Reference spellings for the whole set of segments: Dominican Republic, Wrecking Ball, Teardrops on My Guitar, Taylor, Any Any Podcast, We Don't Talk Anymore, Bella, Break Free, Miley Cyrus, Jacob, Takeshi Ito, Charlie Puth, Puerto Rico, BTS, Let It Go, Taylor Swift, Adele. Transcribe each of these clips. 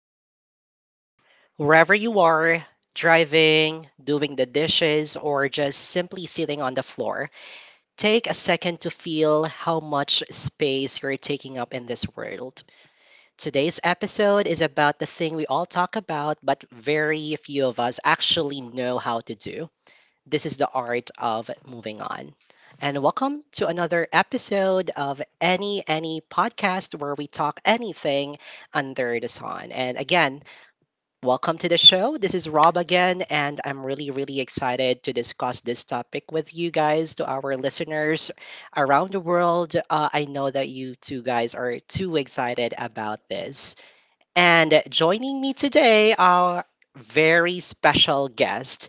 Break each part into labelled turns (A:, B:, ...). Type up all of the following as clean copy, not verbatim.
A: a deep breath. Wherever you are, driving, doing the dishes, or just simply sitting on the floor, take a second to feel how much space you're taking up in this world. Today's episode is about the thing we all talk about, but very few of us actually know how to do. This is the art of moving on. And welcome to another episode of Any Podcast where we talk anything under the sun. And again, welcome to the show. This is Rob again, and I'm really, really excited to discuss this topic with you guys, to our listeners around the world. I know that you two guys are too excited about this. And joining me today are very special guests,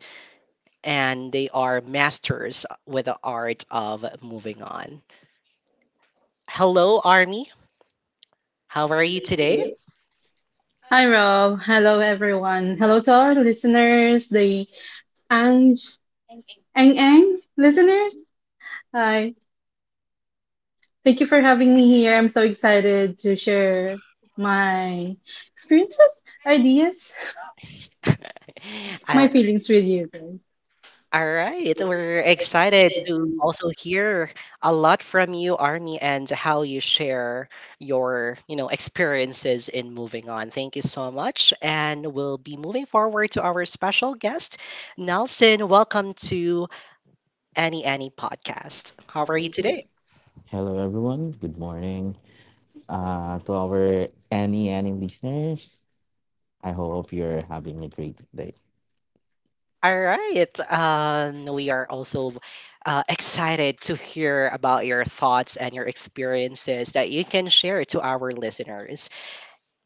A: and they are masters with the art of moving on. Hello, Army. How are you today?
B: Hi Rob. Hello everyone. Hello to our listeners, the Ang Ang listeners. Hi. Thank you for having me here. I'm so excited to share my experiences, ideas, my
A: I,
B: feelings with you guys.
A: All right, we're excited to also hear a lot from you, Army, and how you share your, you know, experiences in moving on. Thank you so much, and we'll be moving forward to our special guest, Nelson. Welcome to Any Podcast. How are you today?
C: Hello, everyone. Good morning to our any listeners. I hope you're having a great day.
A: All right. We are also excited to hear about your thoughts and your experiences that you can share to our listeners.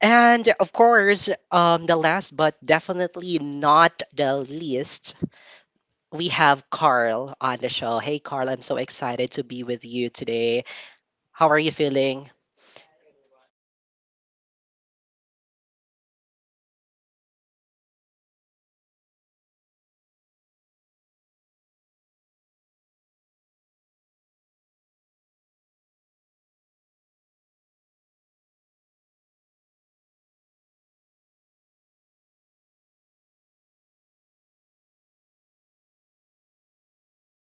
A: And of course, the last but definitely not the least, we have Carl on the show. Hey, Carl, I'm so excited to be with you today. How are you feeling?
D: Hi everyone. Hi, I'm good. Um, and I also hope that you're all listeners are doing good as well. So it's really a pleasure being here and being invited in any podcast. So I hope you're doing good as well. And I can't wait to share our ideas and also our experiences about this topic.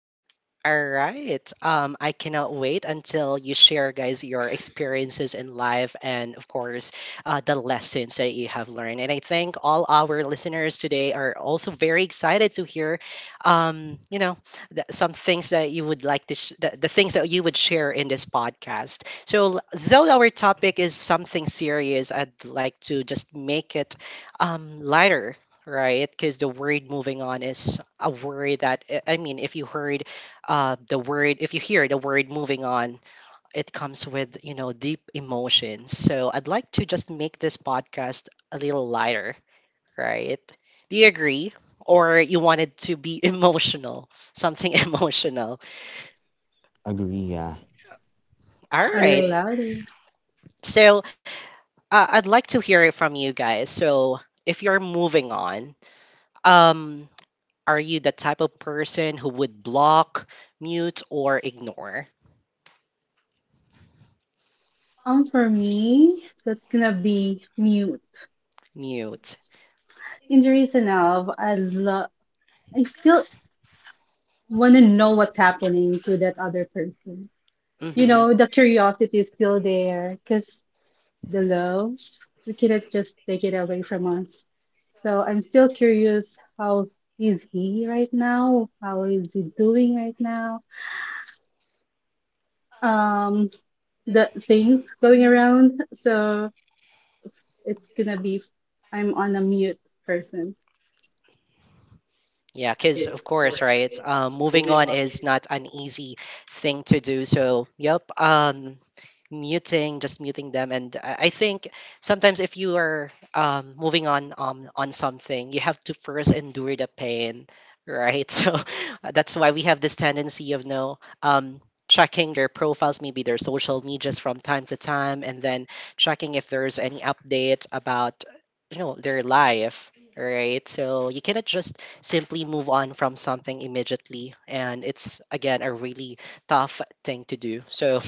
A: All right. I cannot wait until you share, guys, your experiences in life and, of course, the lessons that you have learned. And I think all our listeners today are also very excited to hear, um, you know, some things that you would like to, the things that you would share in this podcast. So, though our topic is something serious, I'd like to just make it lighter. Right, because the word moving on is a word that if you heard the word if you hear the word moving on, it comes with, you know, deep emotions. So I'd like to just make this podcast a little lighter, right? Do you agree, or you wanted to be emotional, something emotional?
C: Agree, yeah.
A: All
B: A
A: right.
B: little louder.
A: So I'd like to hear it from you guys. So if you're moving on, um are you the type of person who would block, mute, or ignore?
B: For me, that's gonna be mute.
A: Mute.
B: Injuries enough. I love. I still want to know what's happening to that other person. You
A: Mhm.
B: know, the curiosity is still there because the love, we cannot just take it away from us. So I'm still curious, how is he right now? How is he doing right now? Um, the things going around. So it's gonna be, I'm on a mute person.
A: Yeah, because of course, right? Moving on is not an easy thing to do. So, yep. Muting, just muting them, and I think sometimes if you are moving on something, you have to first endure the pain, right? So that's why we have this tendency of no checking their profiles, maybe their social medias from time to time, and then checking if there's any updates about, you know, their life, right? So you cannot just simply move on from something immediately. And it's, again, a really tough thing to do. So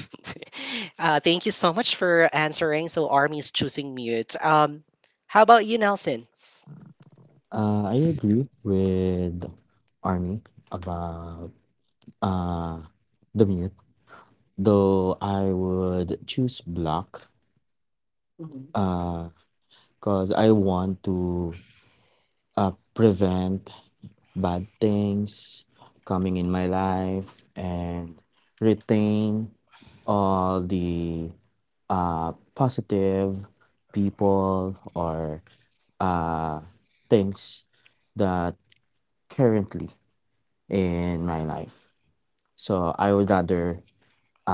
A: thank you so much for answering. So Army is choosing mute. How about you, Nelson?
C: I agree with Army about uh, the mute, though I would choose black uh, because I want to prevent bad things coming in my life and retain all the positive people or uh, things that currently in my life. So I would rather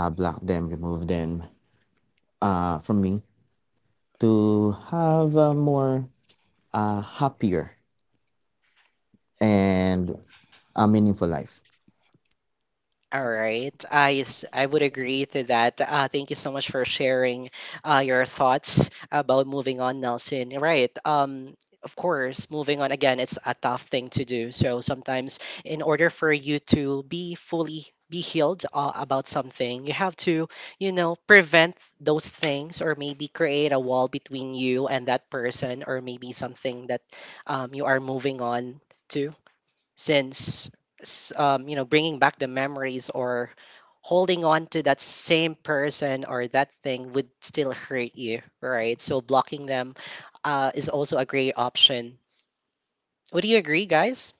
C: block them, remove them from me to have a more happier and a meaningful life.
A: All right. I would agree to that. Thank you so much for sharing your thoughts about moving on, Nelson. Right. Of course, moving on again, it's a tough thing to do. So sometimes, in order for you to be fully be healed about something, you have to, you know, prevent those things or maybe create a wall between you and that person or maybe something that you are moving on to, since you know, bringing back the memories or holding on to that same person or that thing would still hurt you, right? So blocking them is also a great option. Would you agree, guys?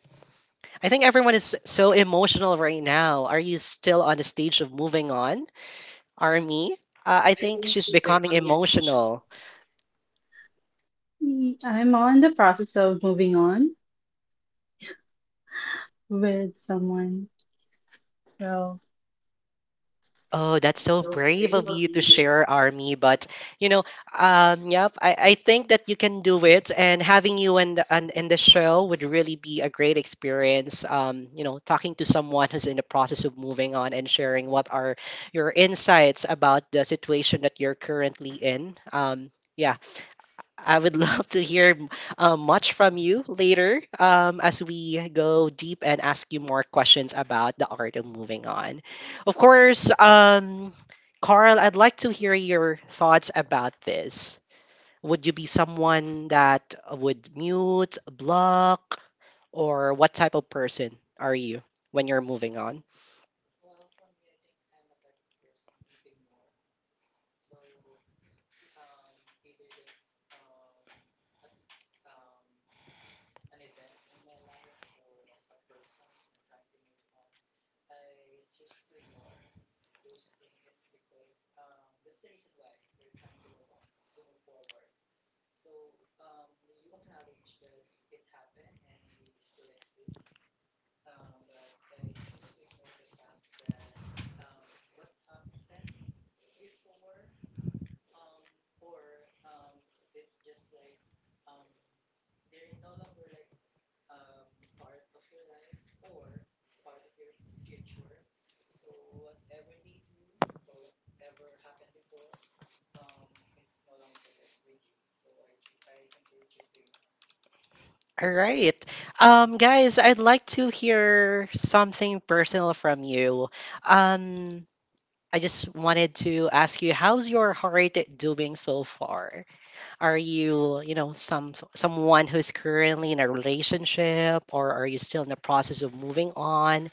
A: I think everyone is so emotional right now. Are you still on the stage of moving on, Army? I think she's becoming emotional.
B: I'm on the process of moving on with someone. So
A: Oh, that's so brave of you to share, Army. But you know, yep, I think that you can do it, and having you in in the show would really be a great experience. You know, talking to someone who's in the process of moving on and sharing what are your insights about the situation that you're currently in. Yeah, I would love to hear much from you later as we go deep and ask you more questions about the art of moving on. Of course, Carl, I'd like to hear your thoughts about this. Would you be someone that would mute, block, or what type of person are you when you're moving on?
D: Well, for me, I think I'm a type of person who ignore so either that's at um an event in my life or like a person I'm trying to move on, I choose to ignore those things. It's because that's the reason why you're trying to move on, to move forward. So you acknowledge that it happened and they still exist. But I choose to ignore the fact that what happened before or it's just like um they're no longer like part of your life or part of your future, so whatever they do or whatever happened before, it's no longer with you, so I simply choose to ignore.
A: All right. Guys, I'd like to hear something personal from you. Um, I just wanted to ask you, how's your heart doing so far? Are you, you know, someone who's currently in a relationship, or are you still in the process of moving on?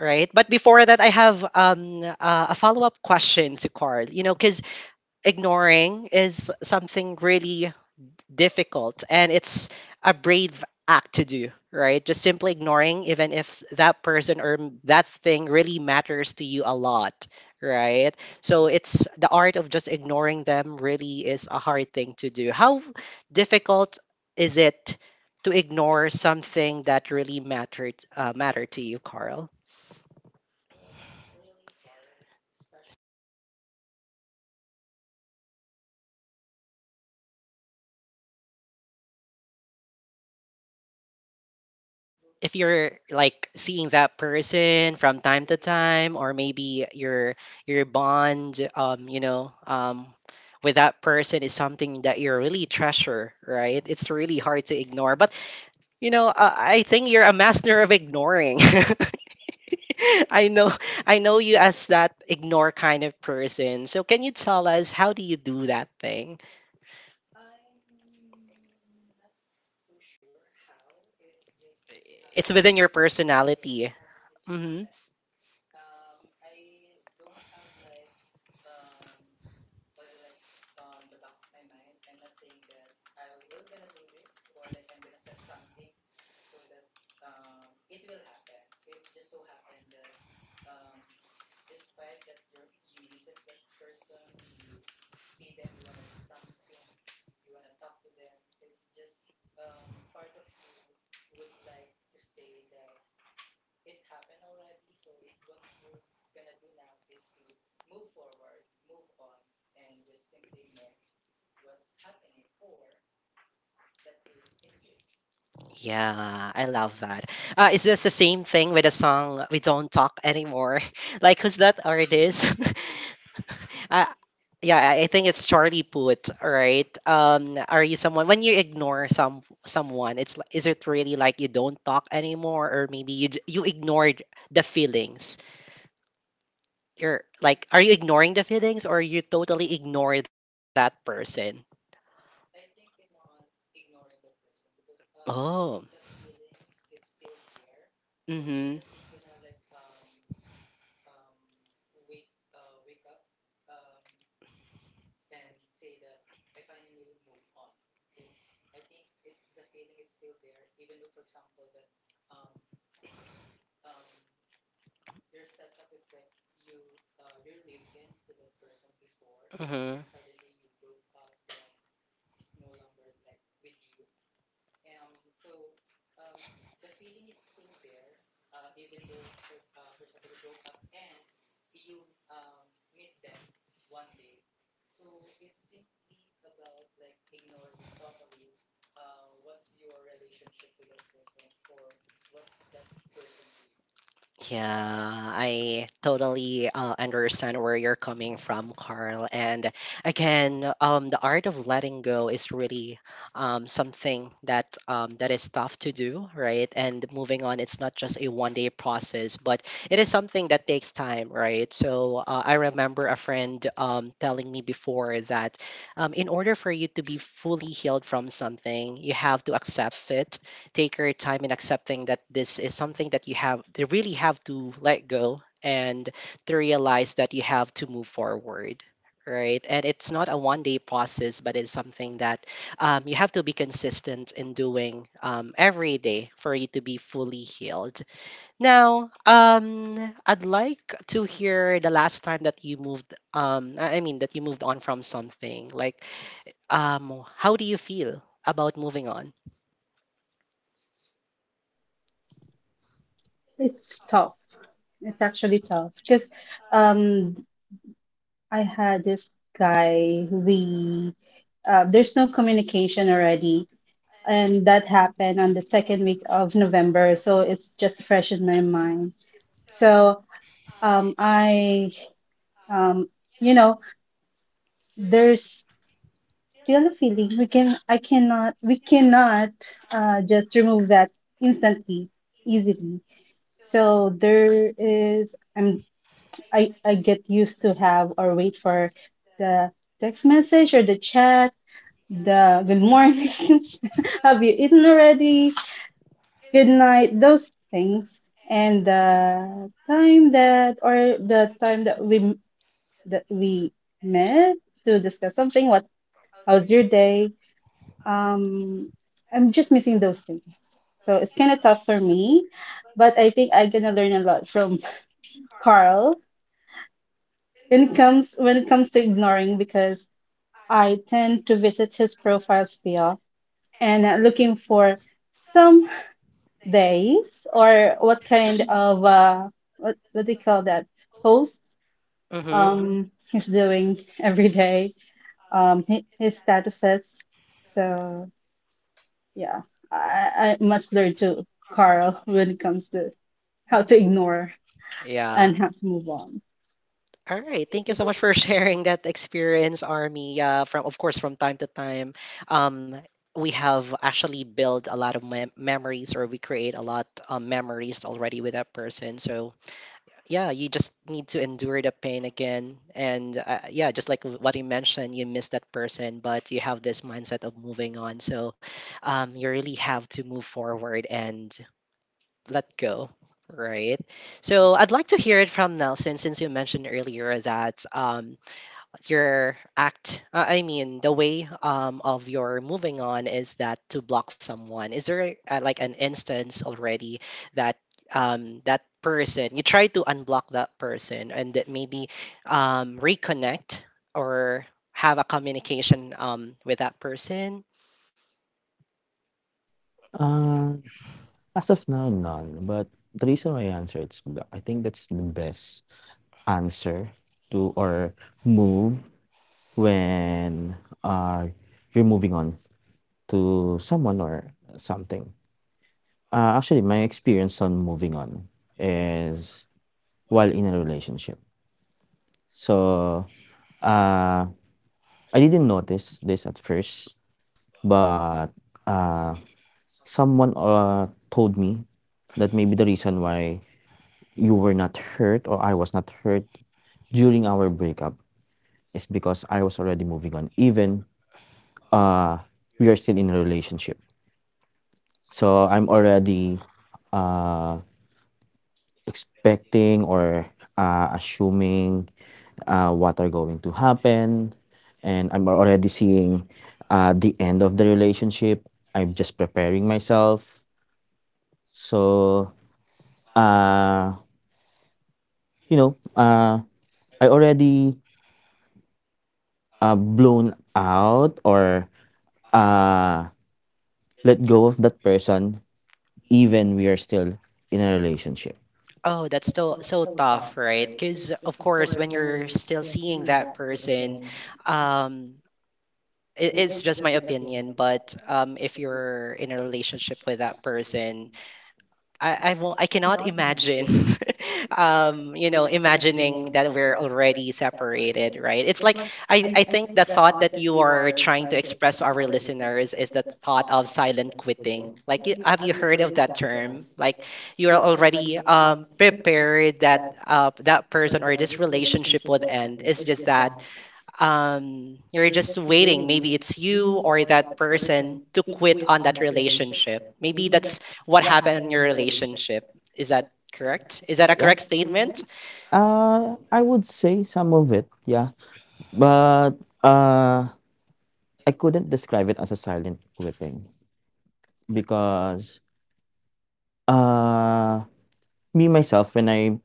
A: Right. But before that, I have a follow up question to Carl. You know, because ignoring is something really difficult and it's a brave act to do, right? Just simply ignoring, even if that person or that thing really matters to you a lot, right? So it's the art of just ignoring them really is a hard thing to do. How difficult is it to ignore something that really matter to you, Carl?
D: Well, it's really hard, especially when um how do you say it? If Well, this will
A: If
D: be
A: you're
D: like a
A: like seeing that person
D: like
A: from time to
D: everyday.
A: time, or maybe your bond, with that person is something that you really treasure, right? It's really
D: Yeah.
A: hard to ignore. But you know, I think you're a master of ignoring. I know, I
D: I
A: know you
D: believe
A: as
D: so.
A: that ignore kind of person. So can you tell us, how do you do that thing?
D: I'm not so sure how. It's just it so
A: It's
D: happened
A: within
D: that
A: your
D: yes,
A: personality.
D: or it just
A: Mm-hmm.
D: happened. I don't have like um or like on the back of my mind. I'm not saying that I will gonna do this or like I'm gonna set something so that it will happen. It's just so happened that um despite that you misses that person, you see them, you wanna do something, you wanna talk to them. It's just part of you would like to say that it happened already. So what you gonna do now is to move forward, move on, and just simply ignore what's happening or that they exist.
A: Yeah, I love that. Is this the same thing with the song "We Don't Talk Anymore"? Like, who's that artist? uh, yeah, I
D: Charlie
A: think it's
D: Puth.
A: Charlie Puth, right? Are you someone when you ignore someone? Is it really like you don't talk anymore, or maybe you ignored the feelings? You're
D: E-
A: like, are you ignoring the feelings, or you totally ignore that person?
D: I think it's more on ignoring the person because I
A: Oh.
D: think the feelings it's still there. So you're
A: Mm-hmm.
D: not just gonna like wake wake up um and say that I finally move on. It's I think it the feeling is still there, even though for example that um um your setup it's like you you live in to that person before,
A: Mm-hmm.
D: then suddenly you broke up, then he's no longer like with you, so um the feeling it's still there, even though for for example you broke up and you meet them one day, so it's simply about like ignoring totally what's your relationship to that person or what's that person to you.
A: Yeah, I totally understand where you're coming from, Carl. And again, the art of letting go is really something that that is tough to do, right? And moving on, it's not just a one-day process, but it is something that takes time, right? So I remember a friend telling me before that in order for you to be fully healed from something, you have to accept it, take your time in accepting that this is something that you have to let go and to realize that you have to move forward, right? And it's not a one day process, but it's something that you have to be consistent in doing every day for you to be fully healed. Now I'd like to hear the last time that you moved I mean that you moved on from something, like how do you feel about moving on?
B: it's tough. It's actually tough because um. I had this guy, we there's no communication already, and that happened on the second week of November, so it's just fresh in my mind. So um, I um, you know, there's still a feeling we cannot just remove that instantly, easily. So there is I'm I get used to have or wait for the text message or the chat, the good morning, have you eaten already? Good night, those things. And the time that we met to discuss something, what how's your day? Um, I'm just missing those things. So it's kind of tough for me, but I think I'm gonna learn a lot from Carl when it comes to ignoring because I tend to visit his profile still and looking for some days or what kind of what do you call that, posts
A: Mm-hmm.
B: he's doing every day, his statuses, so yeah, I must learn to Carl when it comes to how to ignore
A: Yeah.
B: and how to move on.
A: All right. Thank you so much for sharing that experience, Army. From of course, from time to time, um, we have actually built a lot of memories, or we create a lot memories already with that person. So yeah, you just need to endure the pain again, and yeah, just like what you mentioned, you miss that person, but you have this mindset of moving on. So you really have to move forward and let go, right? So I'd like to hear it from Nelson, since you mentioned earlier that your act, the way of your moving on is that to block someone. Is there like an instance already that that person, you try to unblock that person, and that maybe reconnect or have a communication with that person?
C: Uh, As of now, none. But the reason why I answer it's black, I think that's the best answer to or move when you're moving on to someone or something. Actually, my experience on moving on is while in a relationship. So uh, I didn't notice this at first, but uh, someone told me that maybe the reason why you were not hurt or I was not hurt during our breakup is because I was already moving on. Even uh, we are still in a relationship. So I'm already uh, expecting or assuming what are going to happen. And I'm already seeing the end of the relationship. I'm just preparing myself. So, uh, you know, I already blown out or uh let go of that person even we are still in a relationship.
A: Oh, that's so so tough, right? Because of course, when you're still seeing that person, um, it's just my opinion. But if you're in a relationship with that person, I cannot imagine, you know, imagining that we're already separated, right? It's like I think the thought that you are trying to express to our listeners is the thought of silent quitting. Like, have you heard of that term? Like, you are already prepared that that person or this relationship would end. It's just that you're just waiting, maybe it's you or that person to quit on that relationship. Maybe that's what happened in your relationship. Is that correct? Is that a
C: Yeah,
A: correct statement?
C: I would say some of it, yeah, but I couldn't describe it as a silent quitting because uh me myself when i'm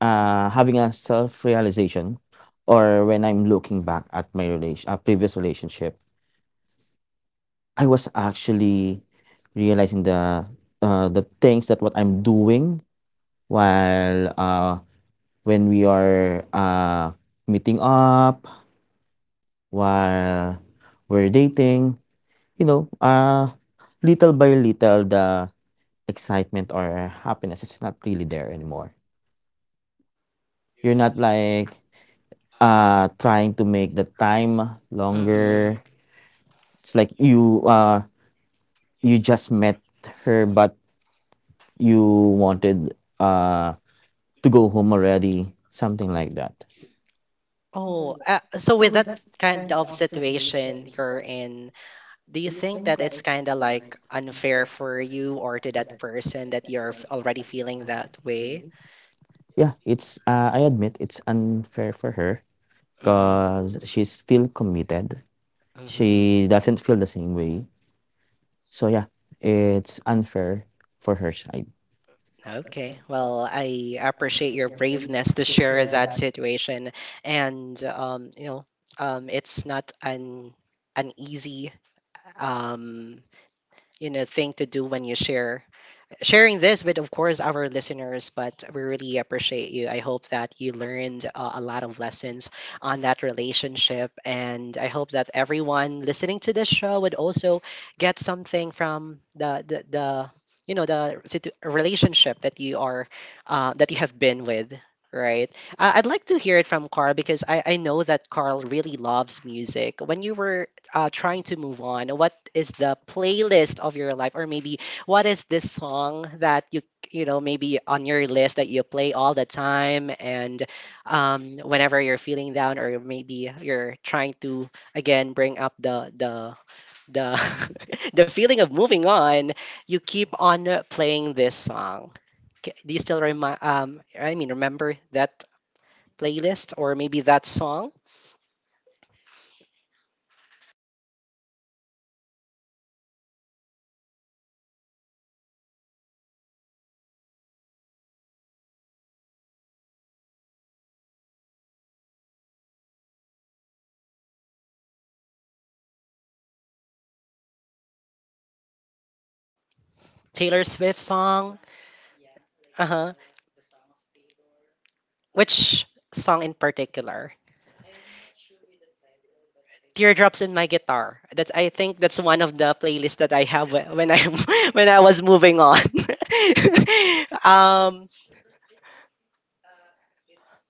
C: uh having a self realization or when I'm looking back at my relation previous relationship I was actually realizing the things that what I'm doing while when we are meeting up, while we're dating, you know, little by little, the excitement or happiness is not really there anymore. You're not like trying to make the time
A: hmm
C: longer. It's like you just met her, but you wanted to go home already, something like that.
A: oh so with that kind of situation you're in, do you think that it's kind of like unfair for you or to that person that already feeling that way?
C: Yeah, it's I admit it's unfair for her because she's still committed.
A: hmm
C: She doesn't feel the same way. So yeah, it's unfair for her side.
A: Okay. Well, I appreciate your braveness to share that situation, and it's not an easy um, thing to do when you share sharing this with, of course, our listeners. But we really appreciate you. I hope that you learned a lot of lessons on that relationship, and I hope that everyone listening to this show would also get something from the relationship that you are that you have been with, right? I'd like to hear it from Carl, because I know that Carl really loves music. When you were trying to move on, what is the playlist of your life, or maybe what is this song that you know maybe on your list, that you play all the time? And whenever you're feeling down, or maybe you're trying to again bring up the the feeling of moving on, you keep on playing this song. Do you still remind, remember that playlist or maybe that song?
D: Oh, well, I listen to a lot of music actually. I don't have any like favorite or like special music, I but um I did listen to some of the music, like
A: Taylor Swift
D: all the
A: song.
D: time. Yeah, like
A: Uh huh.
D: the song of Taylor. Um,
A: Which song in particular?
D: I'm not sure with the title, but I think
A: Teardrops in my
D: it's.
A: guitar. That's, I think that's one of the playlists that I have when I when I was moving on.
D: I'm not
A: um,
D: sure, but I think it, uh, it's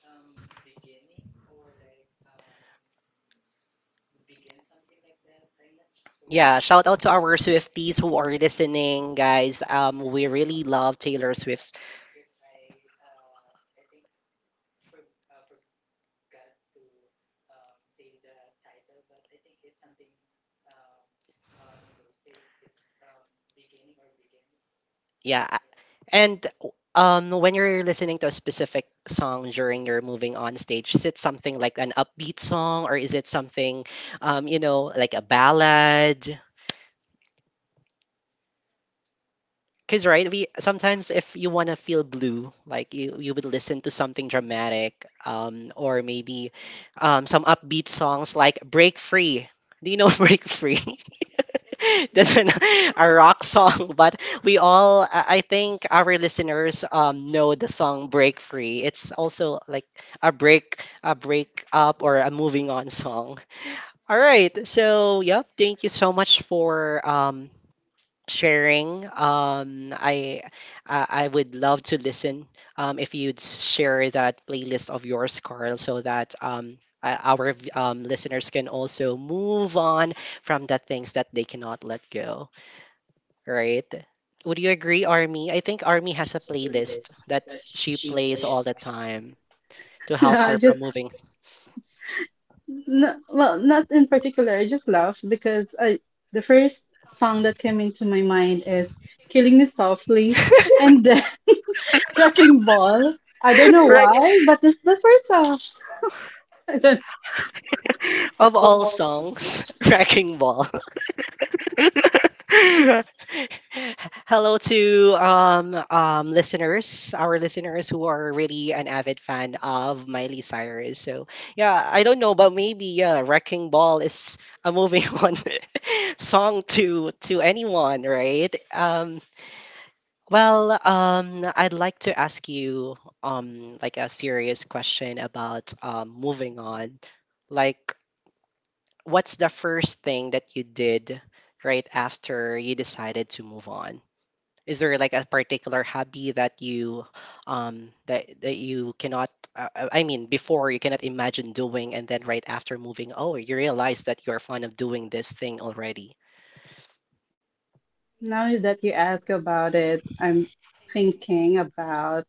D: beginning or like begin something like that. I'm not so
A: Yeah,
D: sure.
A: shout out to our Swifties who are listening, guys.
D: Yeah, I'm
A: We
D: so
A: really
D: sorry
A: love Taylor
D: in
A: Swift's.
D: advance if I I think for forgot to say the title, but I think it's something uh, on those it's beginning or begins
A: Yeah,
D: something like that.
A: and when you're listening to a specific song during your moving on stage, is it something like an upbeat song, or is it something like a ballad? Because, right, we sometimes, if you want to feel blue, like, you would listen to something dramatic, or maybe some upbeat songs like "Break Free." Do you know "Break Free"?
D: Yeah,
A: That's an,
D: we do.
A: a rock song, but we all, I think, our listeners know the song "Break Free." It's also like a break up or a moving on song. All right, so yep, thank you so much for sharing. I I would love to listen. If you'd share that playlist of yours, Carl, so that listeners can also move on from the things that they cannot let go. Right? Would you agree, Army? I think Army has a playlist that she plays all the time to
B: no
A: help her
B: I
A: from
B: just
A: moving.
B: no, well, not in particular. I just laugh because I the first song that came into my mind is Killing Me Softly and then Wrecking Ball. I don't know
A: Right.
B: why, but it's the first song. I don't.
A: Of all songs, Wrecking Ball. Hello to listeners, our listeners who are really an avid fan of Miley Cyrus. So yeah, I don't know, but maybe, yeah, Wrecking Ball is a moving on song to anyone, right? Well, I'd like to ask you like a serious question about moving on. Like, what's the first thing that you did right after you decided to move on? Is there like a particular hobby that you that that you cannot I mean, before you cannot imagine doing, and then right after moving, oh, you realize that you're fond of doing this thing already.
B: Now that you ask about it, I'm thinking about,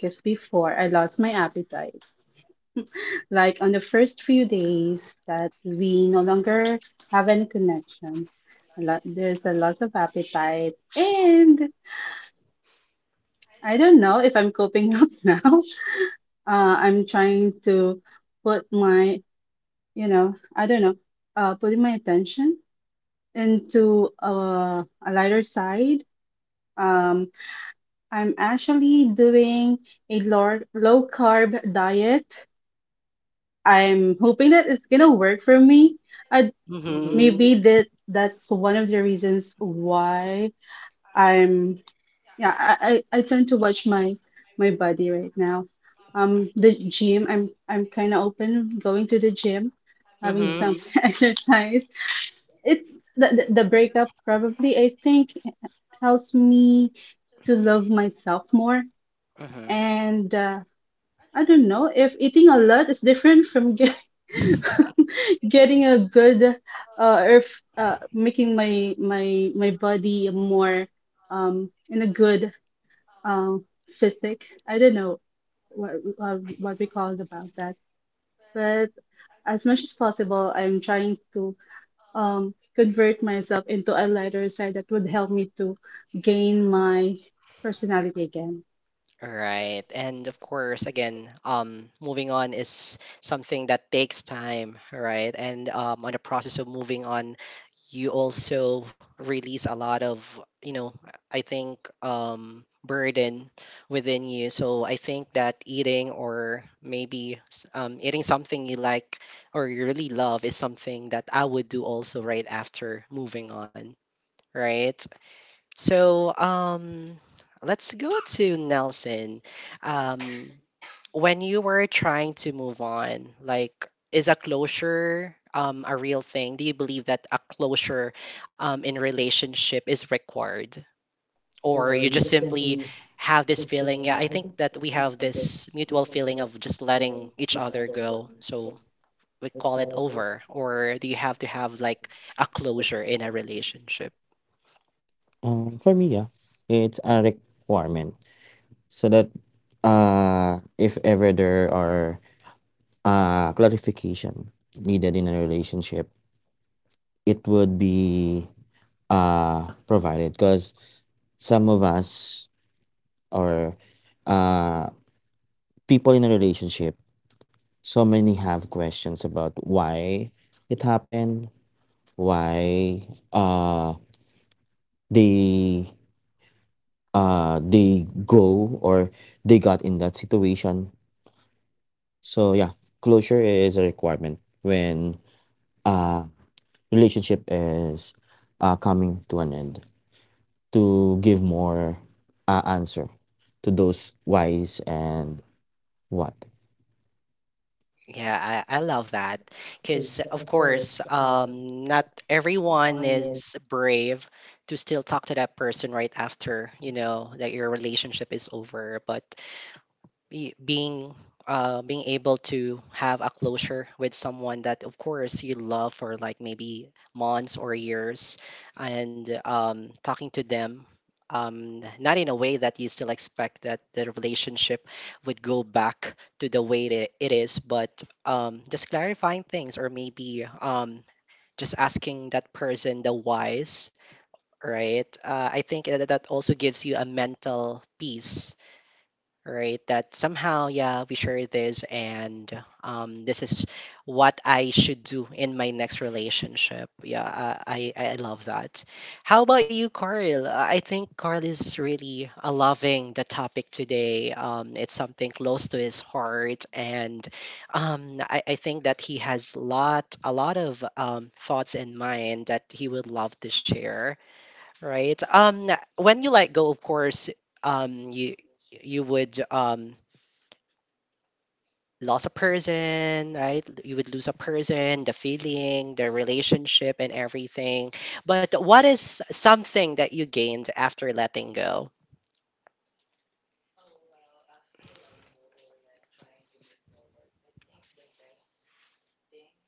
B: because before I lost my appetite. Like on the first few days that we no longer have any connection, a lot, there's a loss of appetite. And I don't know if I'm coping up now. I'm trying to put my, I don't know, putting my attention into a lighter side. Um, I'm actually doing a low carb diet. I'm hoping that it's gonna work for me. I, hmm
A: Mhm.
B: Maybe that that's one of the reasons why I'm, yeah, I tend to watch my body right now. The gym, I'm kind of open going to the gym, having
A: Mhm.
B: some exercise. It the breakup probably, I think, helps me to love myself more.
A: Mhm.
B: And I don't know if eating a lot is different from getting a good, making my body more in a good physique. I don't know what what we call it about that, but as much as possible I'm trying to convert myself into a lighter side that would help me to gain my personality again.
A: Right. And of course, again, moving on is something that takes time, right? And on the process of moving on, you also release a lot of, you know, I think burden within you. So I think that eating or maybe eating something you like or you really love is something that I would do also right after moving on, right? So let's go to Nelson. Um, when you were trying to move on, like, is a closure a real thing? Do you believe that a closure in relationship is required, or you just simply have this feeling? Yeah, I think that we have this mutual feeling of just letting each other go. So we call it over, or do you have to have like a closure in a relationship?
C: For me, yeah, it's a requirement so that if ever there are clarification needed in a relationship, it would be provided because some of us or uh, people in a relationship, so many have questions about why it happened, why uh they they go or they got in that situation. So yeah, closure is a requirement when uh relationship is coming to an end, to give more answer to those whys and what.
A: Yeah, I love that, because, of course, not everyone is brave to still talk to that person right after, you know, that your relationship is over. But be- being being able to have a closure with someone that of course you love for like maybe months or years, and talking to them not in a way that you still expect that the relationship would go back to the way that it is, but just clarifying things, or maybe just asking that person the whys, right? I think that that also gives you a mental peace, right? That somehow, yeah, we share this, and this is what I should do in my next relationship. Yeah, I love that. How about you, Carl? I think Carl is really loving the topic today. It's something close to his heart, and I think that he has lot a lot of thoughts in mind that he would love to share. Right. When you let go, of course, um, you you would lose a person, right? You would lose a person, the feeling, the relationship, and everything. But what is something that you gained after letting go?
D: Oh, well, after letting go or like trying to move forward, I think the best thing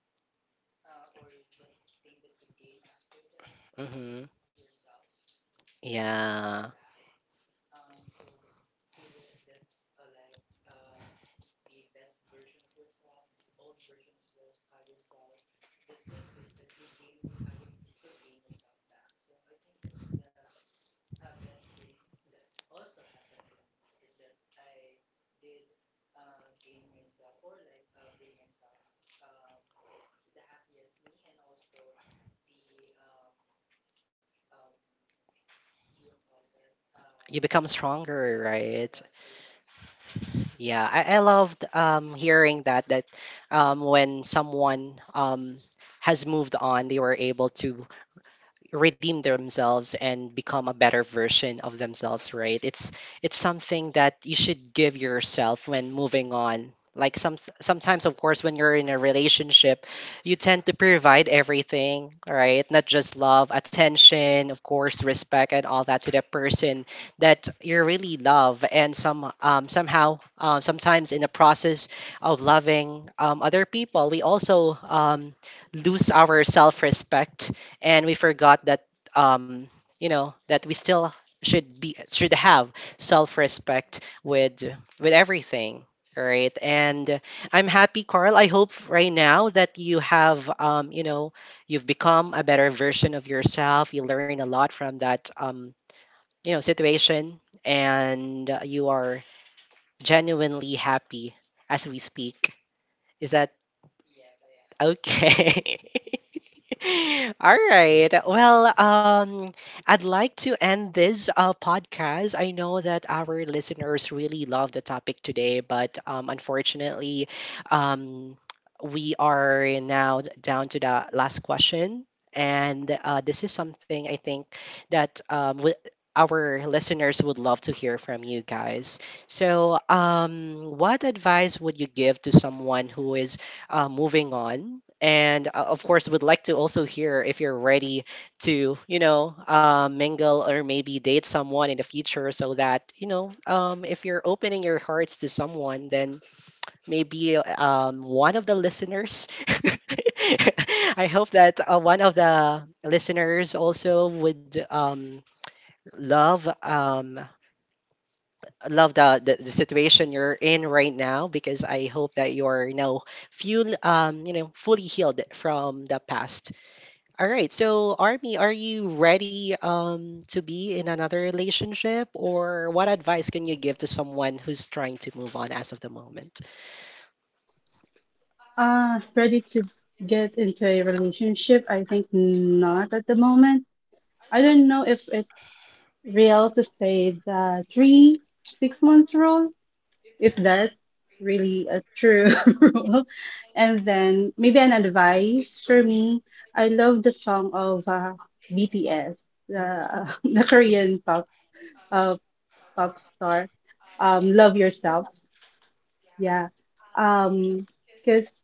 D: or the thing that you gain after that
A: Mm-hmm.
D: is yourself. You have yourself
A: Yeah,
D: back. So either that's like the best version of yourself, the old version of yourself. The thing is that you gain your you, you still gain yourself back. So I think that's the best thing that also happened to me is that I did gain myself or like bring myself um, to the happiest me and also the um, what do you call that?
A: you become stronger,
D: Yes,
A: right?
D: best version of myself.
A: Yeah, I loved hearing that that when someone has moved on, they were able to redeem themselves and become a better version of themselves, right? It's something that you should give yourself when moving on. Like, sometimes, of course, when you're in a relationship, you tend to provide everything, right? Not just love, attention, of course, respect, and all that to that person that you really love. And somehow, sometimes in the process of loving, other people, we also lose our self-respect, and we forgot that um you know, that we still should have self-respect with everything. All right. And I'm happy, Carl. I hope right now that you have, you know, you've become a better version of yourself. You learn a lot from that, you know, situation, and you are genuinely happy as we speak. Is that
D: Yes, I am.
A: okay? All right. Well, I'd like to end this podcast. I know that our listeners really love the topic today, but unfortunately, um, we are now down to the last question. And this is something I think that our listeners would love to hear from you guys. So, what advice would you give to someone who is moving on, and of course, would like to also hear if you're ready to, you know, mingle or maybe date someone in the future, so that, you know, if you're opening your hearts to someone, then maybe one of the listeners, I hope that one of the listeners also would love um, love the situation you're in right now, because I hope that you're, you know, fully healed from the past. All right. So, Army, are you ready to be in another relationship? Or what advice can you give to someone who's trying to move on as of the moment?
B: Ready to get into a relationship? I think not at the moment. I don't know if it's real to say the 3, 6 months rule, if that's really a true rule. And then maybe an advice for me. I love the song of BTS, the Korean uh, pop star. Love yourself. Yeah. Um, because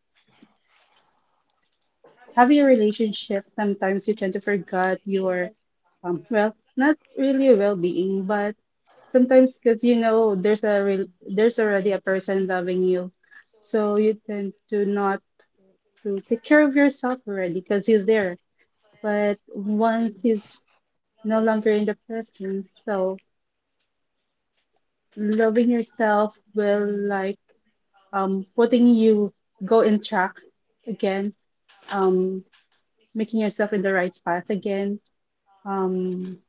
B: having a relationship, sometimes you tend to forget your, well, not really well-being, but sometimes because you know there's already a person loving you, so you tend to not to take care of yourself already because he's there. But once he's no longer in the presence, so loving yourself will like putting you go in track again, um, making yourself in the right path again, um,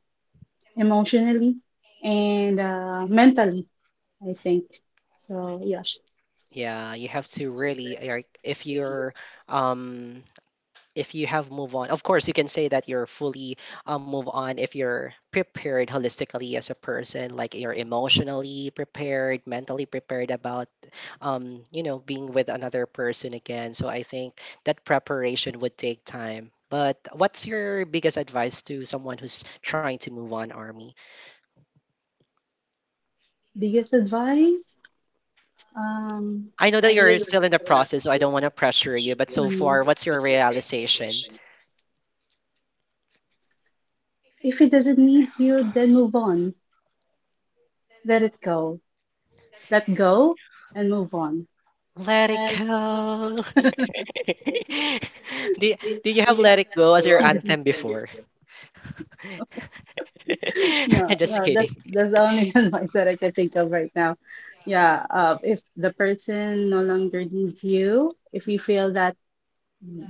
B: emotionally and mentally, I think. So yeah,
A: Yeah, you have to really, like, if you're um, if you have move on, of course you can say that you're fully move on if you're prepared holistically as a person, like you're emotionally prepared, mentally prepared, about you know, being with another person again. So I think that preparation would take time. But what's your biggest advice to someone who's trying to move on, Army?
B: biggest advice. Um,
A: I know that you're still in the process, so I don't want to pressure you, but so far, what's your
B: mm,
A: realization?
B: if it doesn't need you, then move on. Let it go. Let go and move on.
A: Let it
B: And uh,
A: go. Did did you have Let It Go as your
B: mhm.
A: anthem before? I'm
B: Yeah,
A: just
B: yeah,
A: kidding.
B: that's the only advice that I can think of right now. Yeah, if the person no longer needs you, if you feel that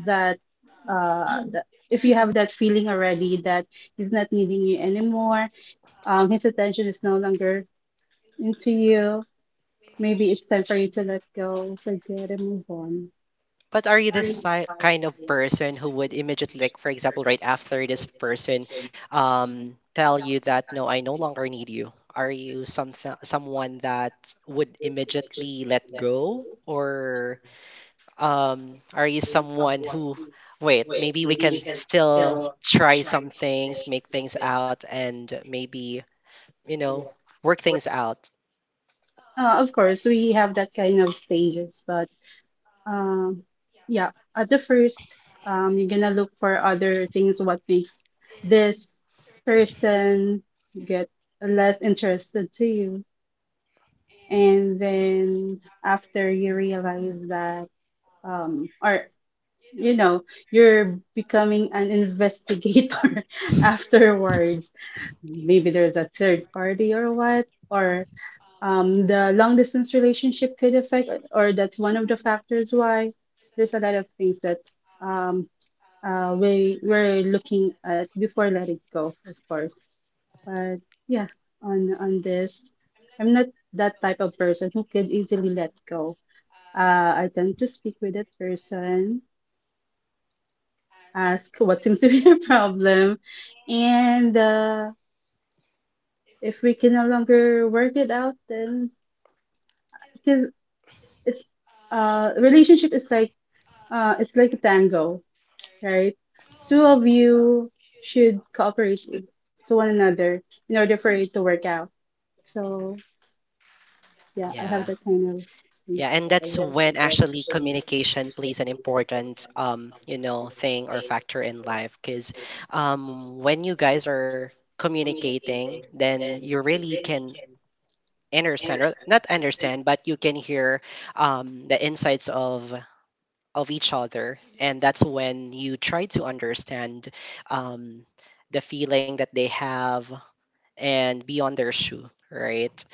B: that if you have that feeling already that he's not needing you anymore, his attention is no longer into you, maybe it's time for you to let go, forget and move on.
A: But are you kind of person who would immediately, like, for example, right after this person tell you that, no, I no longer need you? Are you something, someone that would immediately let go? Or are you someone who, wait, maybe we can still try some things, make things out, and maybe, you know, work things out?
B: Of course, we have that kind of stages, but Um, yeah, at the first, you're gonna look for other things, what makes this person get less interested to you. And then after you realize that, or you know, you're becoming an investigator afterwards. Maybe there's a third party or what, or the long distance relationship could affect, or that's one of the factors why there's a lot of things that um, we're looking at before letting go, of course. But yeah, on this, I'm not that type of person who could easily let go. I tend to speak with that person, ask what seems to be the problem, and if we can no longer work it out, then because it's relationship is like, it's like a tango, right? Two of you should cooperate to one another in order for it to work out. So yeah, I have
A: Yeah.
B: that kind of thing.
A: Yeah, and that's when actually communication plays an important, you know, thing or factor in life. Because when you guys are communicating, then you really can understand, or not understand, but you can hear the insights of each other. And that's when you try to understand um the feeling that they have, and be on their shoe, right?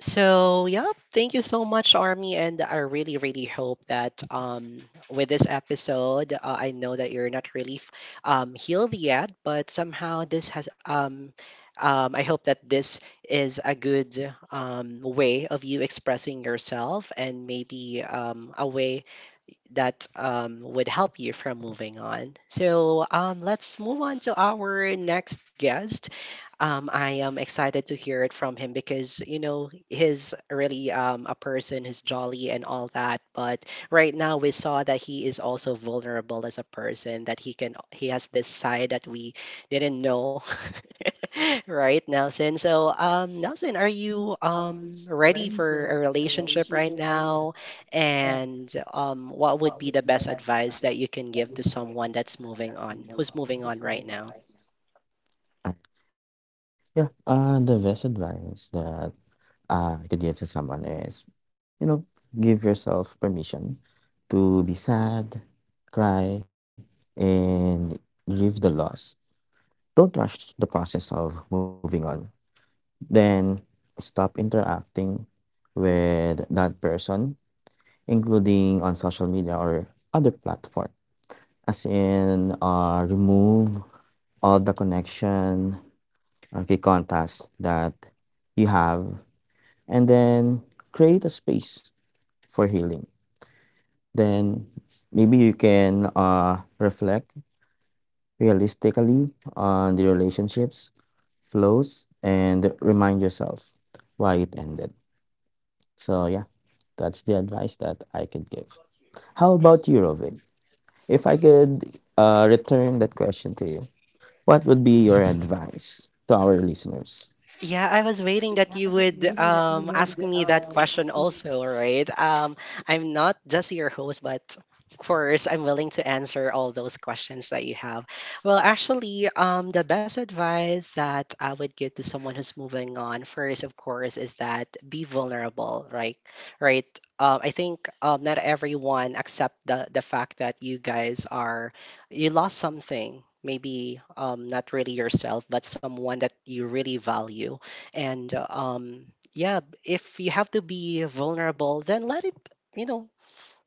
A: So yeah, thank you so much, Army, and I really, really hope that with this episode, I know that you're not really healed yet, but somehow this has I hope that this is a good way of you expressing yourself and maybe a way that would help you from moving on. So let's move on to our next guest. I am excited to hear it from him because, you know, he's really a person who's jolly and all that. But right now we saw that he is also vulnerable as a person, that he has this side that we didn't know. Right, Nelson? So, Nelson, are you ready for a relationship right now? And what would be the best advice that you can give to someone who's moving on right now?
C: Uh, yeah, the best advice that I could give to someone is, you know, give yourself permission to be sad, cry, and grieve the loss. Don't rush the process of moving on. Then stop interacting with that person, including on social media or other platform. As in, remove all the connection, okay, contacts that you have, and then create a space for healing. Then maybe you can reflect realistically on the relationships, flows, and remind yourself why it ended. So, yeah, that's the advice that I could give. How about you, Rovin? If I could return that question to you, what would be your advice to our listeners?
A: Yeah, I was waiting that you would ask me that question also, right? I'm not just your host, but of course, I'm willing to answer all those questions that you have. Well, actually, the best advice that I would give to someone who's moving on first, of course, is that be vulnerable, right? Right. I think not everyone accept the fact that you guys are you lost something maybe not really yourself but someone that you really value and yeah, if you have to be vulnerable, then let it, you know,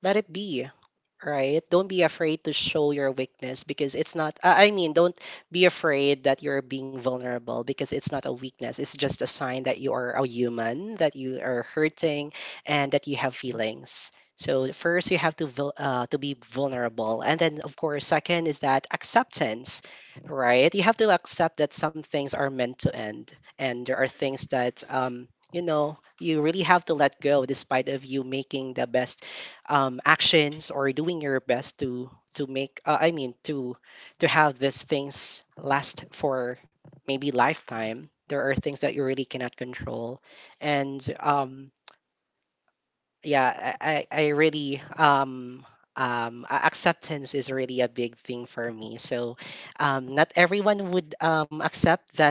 A: let it be, right? Don't be afraid to show your weakness because it's not I I mean don't be afraid that you're being vulnerable because it's not a weakness, it's just a sign that you are a human, that you are hurting and that you have feelings. So first you have to to be vulnerable, and then of course second is that acceptance. Right, you have to accept that some things are meant to end, and there are things that you know, you really have to let go despite of you making the best actions or doing your best to make I mean to have these things last for maybe lifetime. There are things that you really cannot control. And yeah, I really acceptance is really a big thing for me. So not everyone would accept that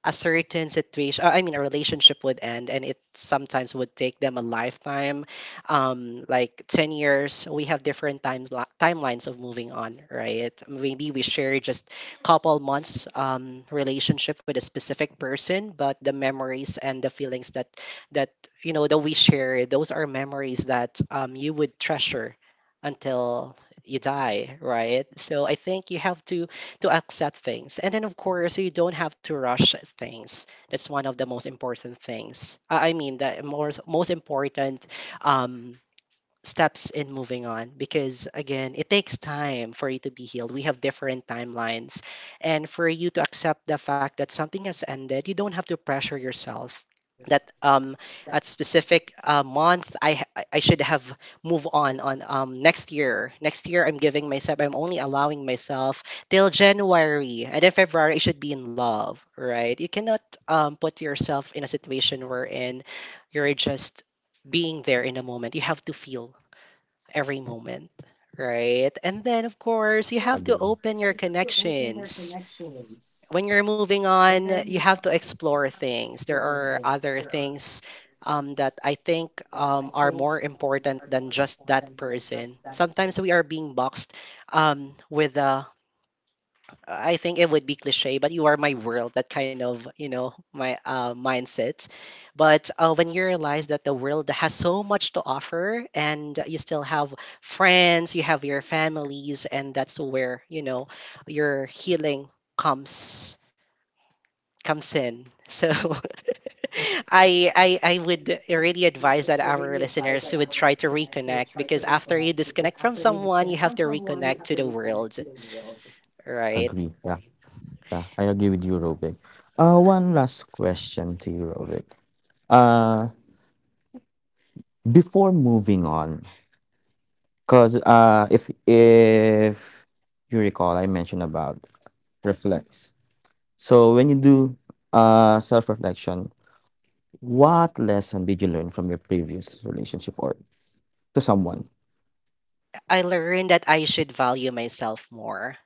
A: a certain situation, a relationship would end, and it sometimes would take them a lifetime, like 10 years. We have different timelines of moving on. Right, maybe we share just couple months relationship with a specific person, but the memories and the feelings that you know that we share, those are memories that you would treasure until you die, right? So I think you have to accept things, and then of course you don't have to rush things. That's one of the most important things, the most most important um steps in moving on, because again it takes time for you to be healed. We have different timelines, and for you to accept the fact that something has ended. You don't have to pressure yourself that at specific month I ha- I should have move on next year. Next year, I'm giving myself, I'm only allowing myself till January, and then February I should be in love. Right, you cannot put yourself in a situation wherein you're just being there in a moment. You have to feel every moment, right? And then, of
C: Agree.
A: course, you have to open your connections. When you're moving on, you have to explore things. There are other things that I think are more important than just that person. Sometimes we are being boxed with a I think it would be cliche, but you are my world. That kind of, you know, my mindset. But when you realize that the world has so much to offer, and you still have friends, you have your families, and that's where you know your healing comes comes in. So. I would really advise that our listeners would try to reconnect, because after you disconnect from someone, you have to reconnect to the world,
C: Agree.
A: right?
C: Yeah. Yeah. I agree with you, Rovic. One last question to you, Rovic. Uh, Before moving on, 'cause, if you recall, I mentioned about reflects. So when you do self-reflection, what lesson did you learn from your previous relationship or to someone?
A: I learned that I should value myself more,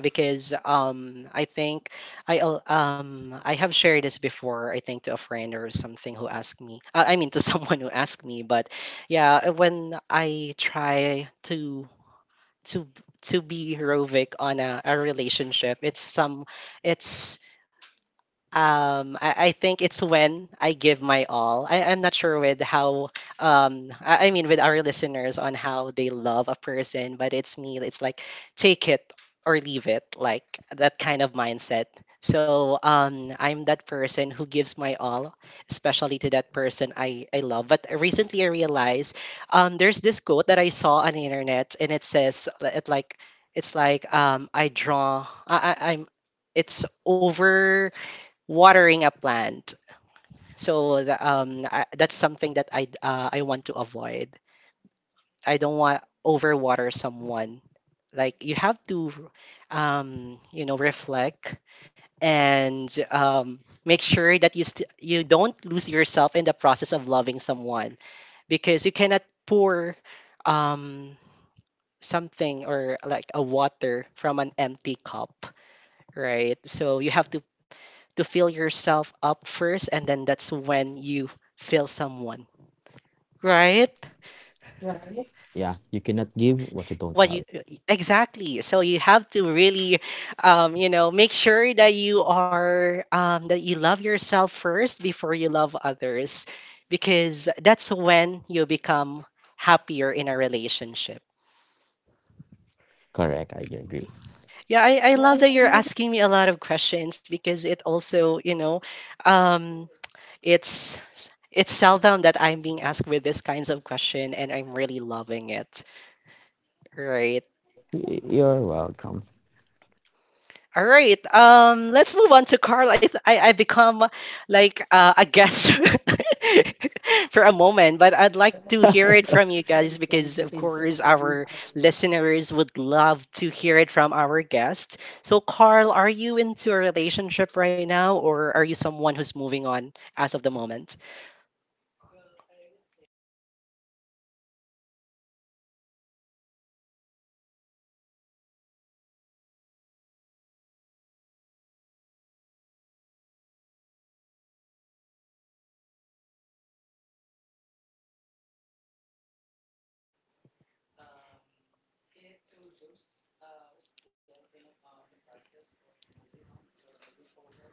A: because I think I have shared this before, I think to a friend or something who asked me, to someone who asked me. But yeah, when I try to to be heroic on a relationship, it's some it's I think it's when I give my all. I'm not sure with how, with our listeners on how they love a person, but it's me. It's like take it or leave it, like that kind of mindset. So I'm that person who gives my all, especially to that person I love. But recently I realized there's this quote that I saw on the internet, and it says it like it's like I draw. I, I'm it's over watering a plant. So that's something that I want to avoid. I don't want overwater someone. Like you have to, you know, reflect and make sure that you don't lose yourself in the process of loving someone, because you cannot pour um, something, or like a water from an empty cup, right? So you have to fill yourself up first, and then that's when you feel
C: Yeah, you
A: someone.
C: cannot give what you don't have.
A: Right. What you. Exactly, so you have to really you know, make sure that you are that you love yourself first before you love others, because that's when you become happier in a
C: Correct, I
A: relationship.
C: agree.
A: Yeah, I love that you're asking me a lot of questions, because it also, you know, um, It's it's seldom that I'm being asked with these kinds of question, and I'm really loving
C: You're
A: it.
C: welcome.
A: Right. All right. Let's move on to Carl. I become like a guest for a moment, but I'd like to hear it from you guys because, of course, our listeners would love to hear it from our guest. So, Carl, are you into a relationship right now, or are you someone who's moving on as of the moment?
D: Well, I would say I move on and I'm pretty much with someone right now. So my heart is happy right now, and I'm already contented with my life. So, and I think my advice would be um, to those who still in a, on the process of moving on or moving forward,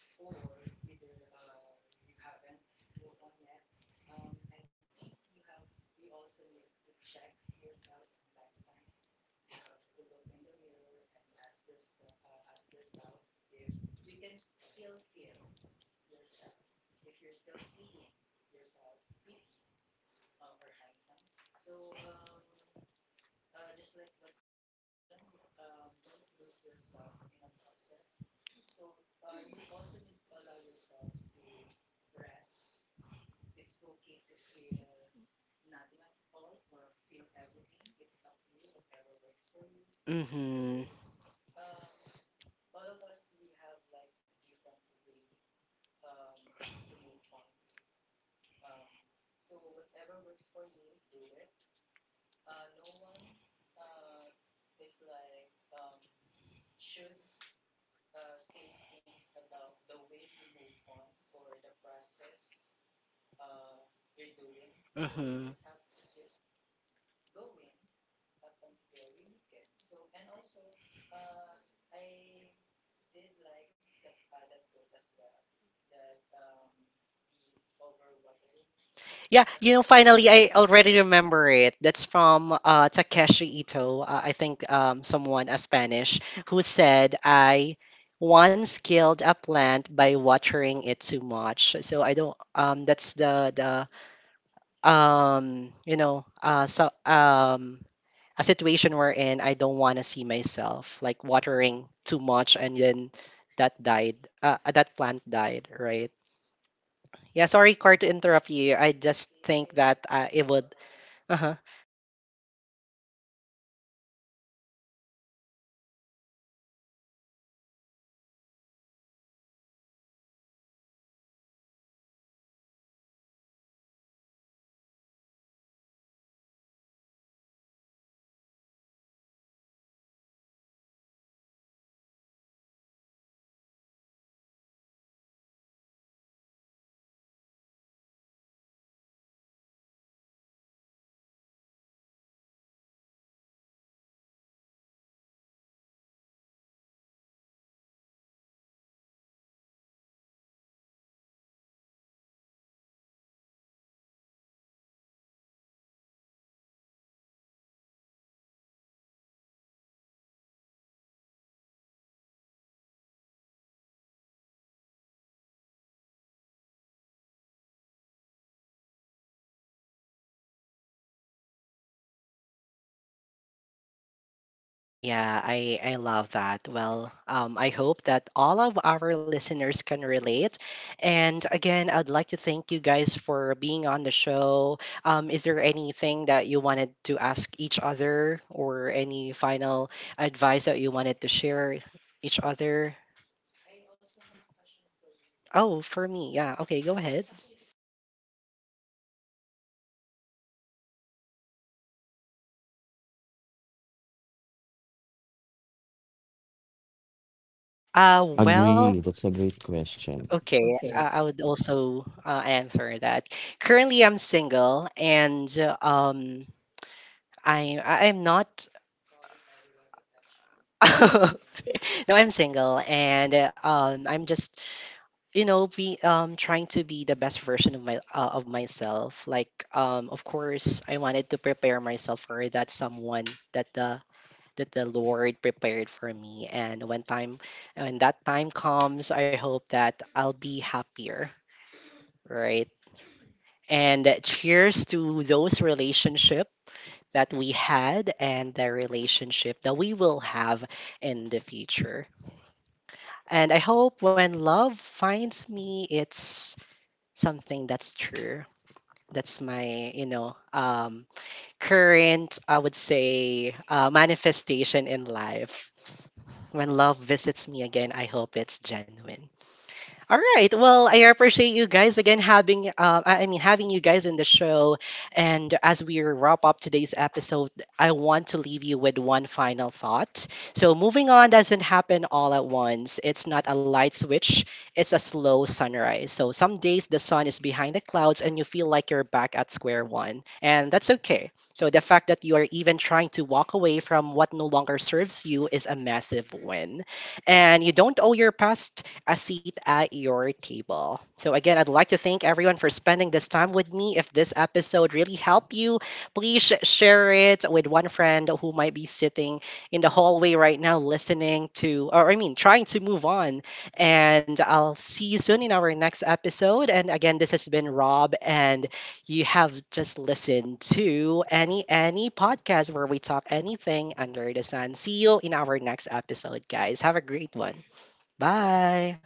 D: or either you haven't moved on yet, I think you have you also need to check yourself from time to time. You have to look in the mirror and ask yourself if you can still feel yourself, if you're still seeing yourself pretty or handsome. So just like what you all mentioned, you don't lose yourself in a process. So you also need to allow yourself to rest. It's okay to feel nothing at all or feel everything. It's up to you, whatever works for you.
A: Mm-hmm.
D: So um, all of us, we have like a different way um, to move on. Um, so whatever works for you, do it. No one uh, is like should say things about the way you move on or the process uh, you're doing. So you
A: Mm-hmm.
D: just have to keep going up until you make it. So and also, uh, I did like the that quote as well, that the overwatering
A: Yeah, you know,
D: someone you
A: finally,
D: love.
A: I already remember it. That's
D: Yes.
A: from Takeshi Ito. I think
D: Mm-mm.
A: someone, a Spanish, who said, I once killed a plant by
D: Watering
A: watering it too
D: too
A: much.
D: much.
A: So I don't, that's the you know, a situation we're in, I don't want to see myself like watering too much, and then that died, that plant died, right? Yeah, sorry, Car,
D: Yes.
A: to interrupt you. I
D: That's
A: just
D: okay. I
A: think that it
D: also
A: would uh-huh.
D: like that. And just like what you've said, so talking about watering someone or like loving someone too much, we also needs to like give ourselves the amount of love we give to others. And you cannot like, or there will no be a garden if there's no gardener, right? So we also need to like take care of ourselves in a process of loving someone. So yeah, that's I think my advice to everyone. Just I hope that whatever you're going through right now, um you like surpass it or like you make it, you'll get there. There will no be time limit or like a deadline for you. You just have to like um, be there and feel yourself.
A: Yeah, I love that. Well, I hope that all of our listeners can relate. And again, I'd like to thank you guys for being on the show. Is there anything that you wanted to ask each other, or any final advice that you wanted to share each other?
D: I also have a question for you.
A: Oh, for me, yeah. Okay, go
D: Well, it's
A: ahead.
D: actually the same question you asked. Are you in what state right now? Are you also looking for like a relationship or what?
C: Agree. That's a great question.
A: Well, okay. I would also answer that. Currently, I'm single, and I am not
D: Calling everyone's attention. He's single.
A: no, I'm single, and I'm just, you know, be trying to be the best version of my of myself. Like of course, I wanted to prepare myself for that someone that the that the Lord prepared for me. And when that time comes, I hope that I'll be happier, right? And cheers to those relationship that we had and the relationship that we will have in the future. And I hope when love finds me, it's something that's true. That's my, you know, current, I would say, manifestation in life. When love visits me again, I hope it's genuine. All right. Well, I appreciate you guys again having having you guys in the show. And as we wrap up today's episode, I want to leave you with one final thought. So moving on doesn't happen all at once. It's not a light switch, it's a slow sunrise. So some days the sun is behind the clouds and you feel like you're back at square one. And that's okay. So the fact that you are even trying to walk away from what no longer serves you is a massive win, and you don't owe your past a seat at your table. So again, I'd like to thank everyone for spending this time with me. If this episode really helped you, please share it with one friend who might be sitting in the hallway right now listening to, or I mean trying to move on. And I'll see you soon in our next episode. And again, this has been Rob, and you have just listened to any podcast where we talk anything under the sun. See you in our next episode, guys. Have a great one. Bye.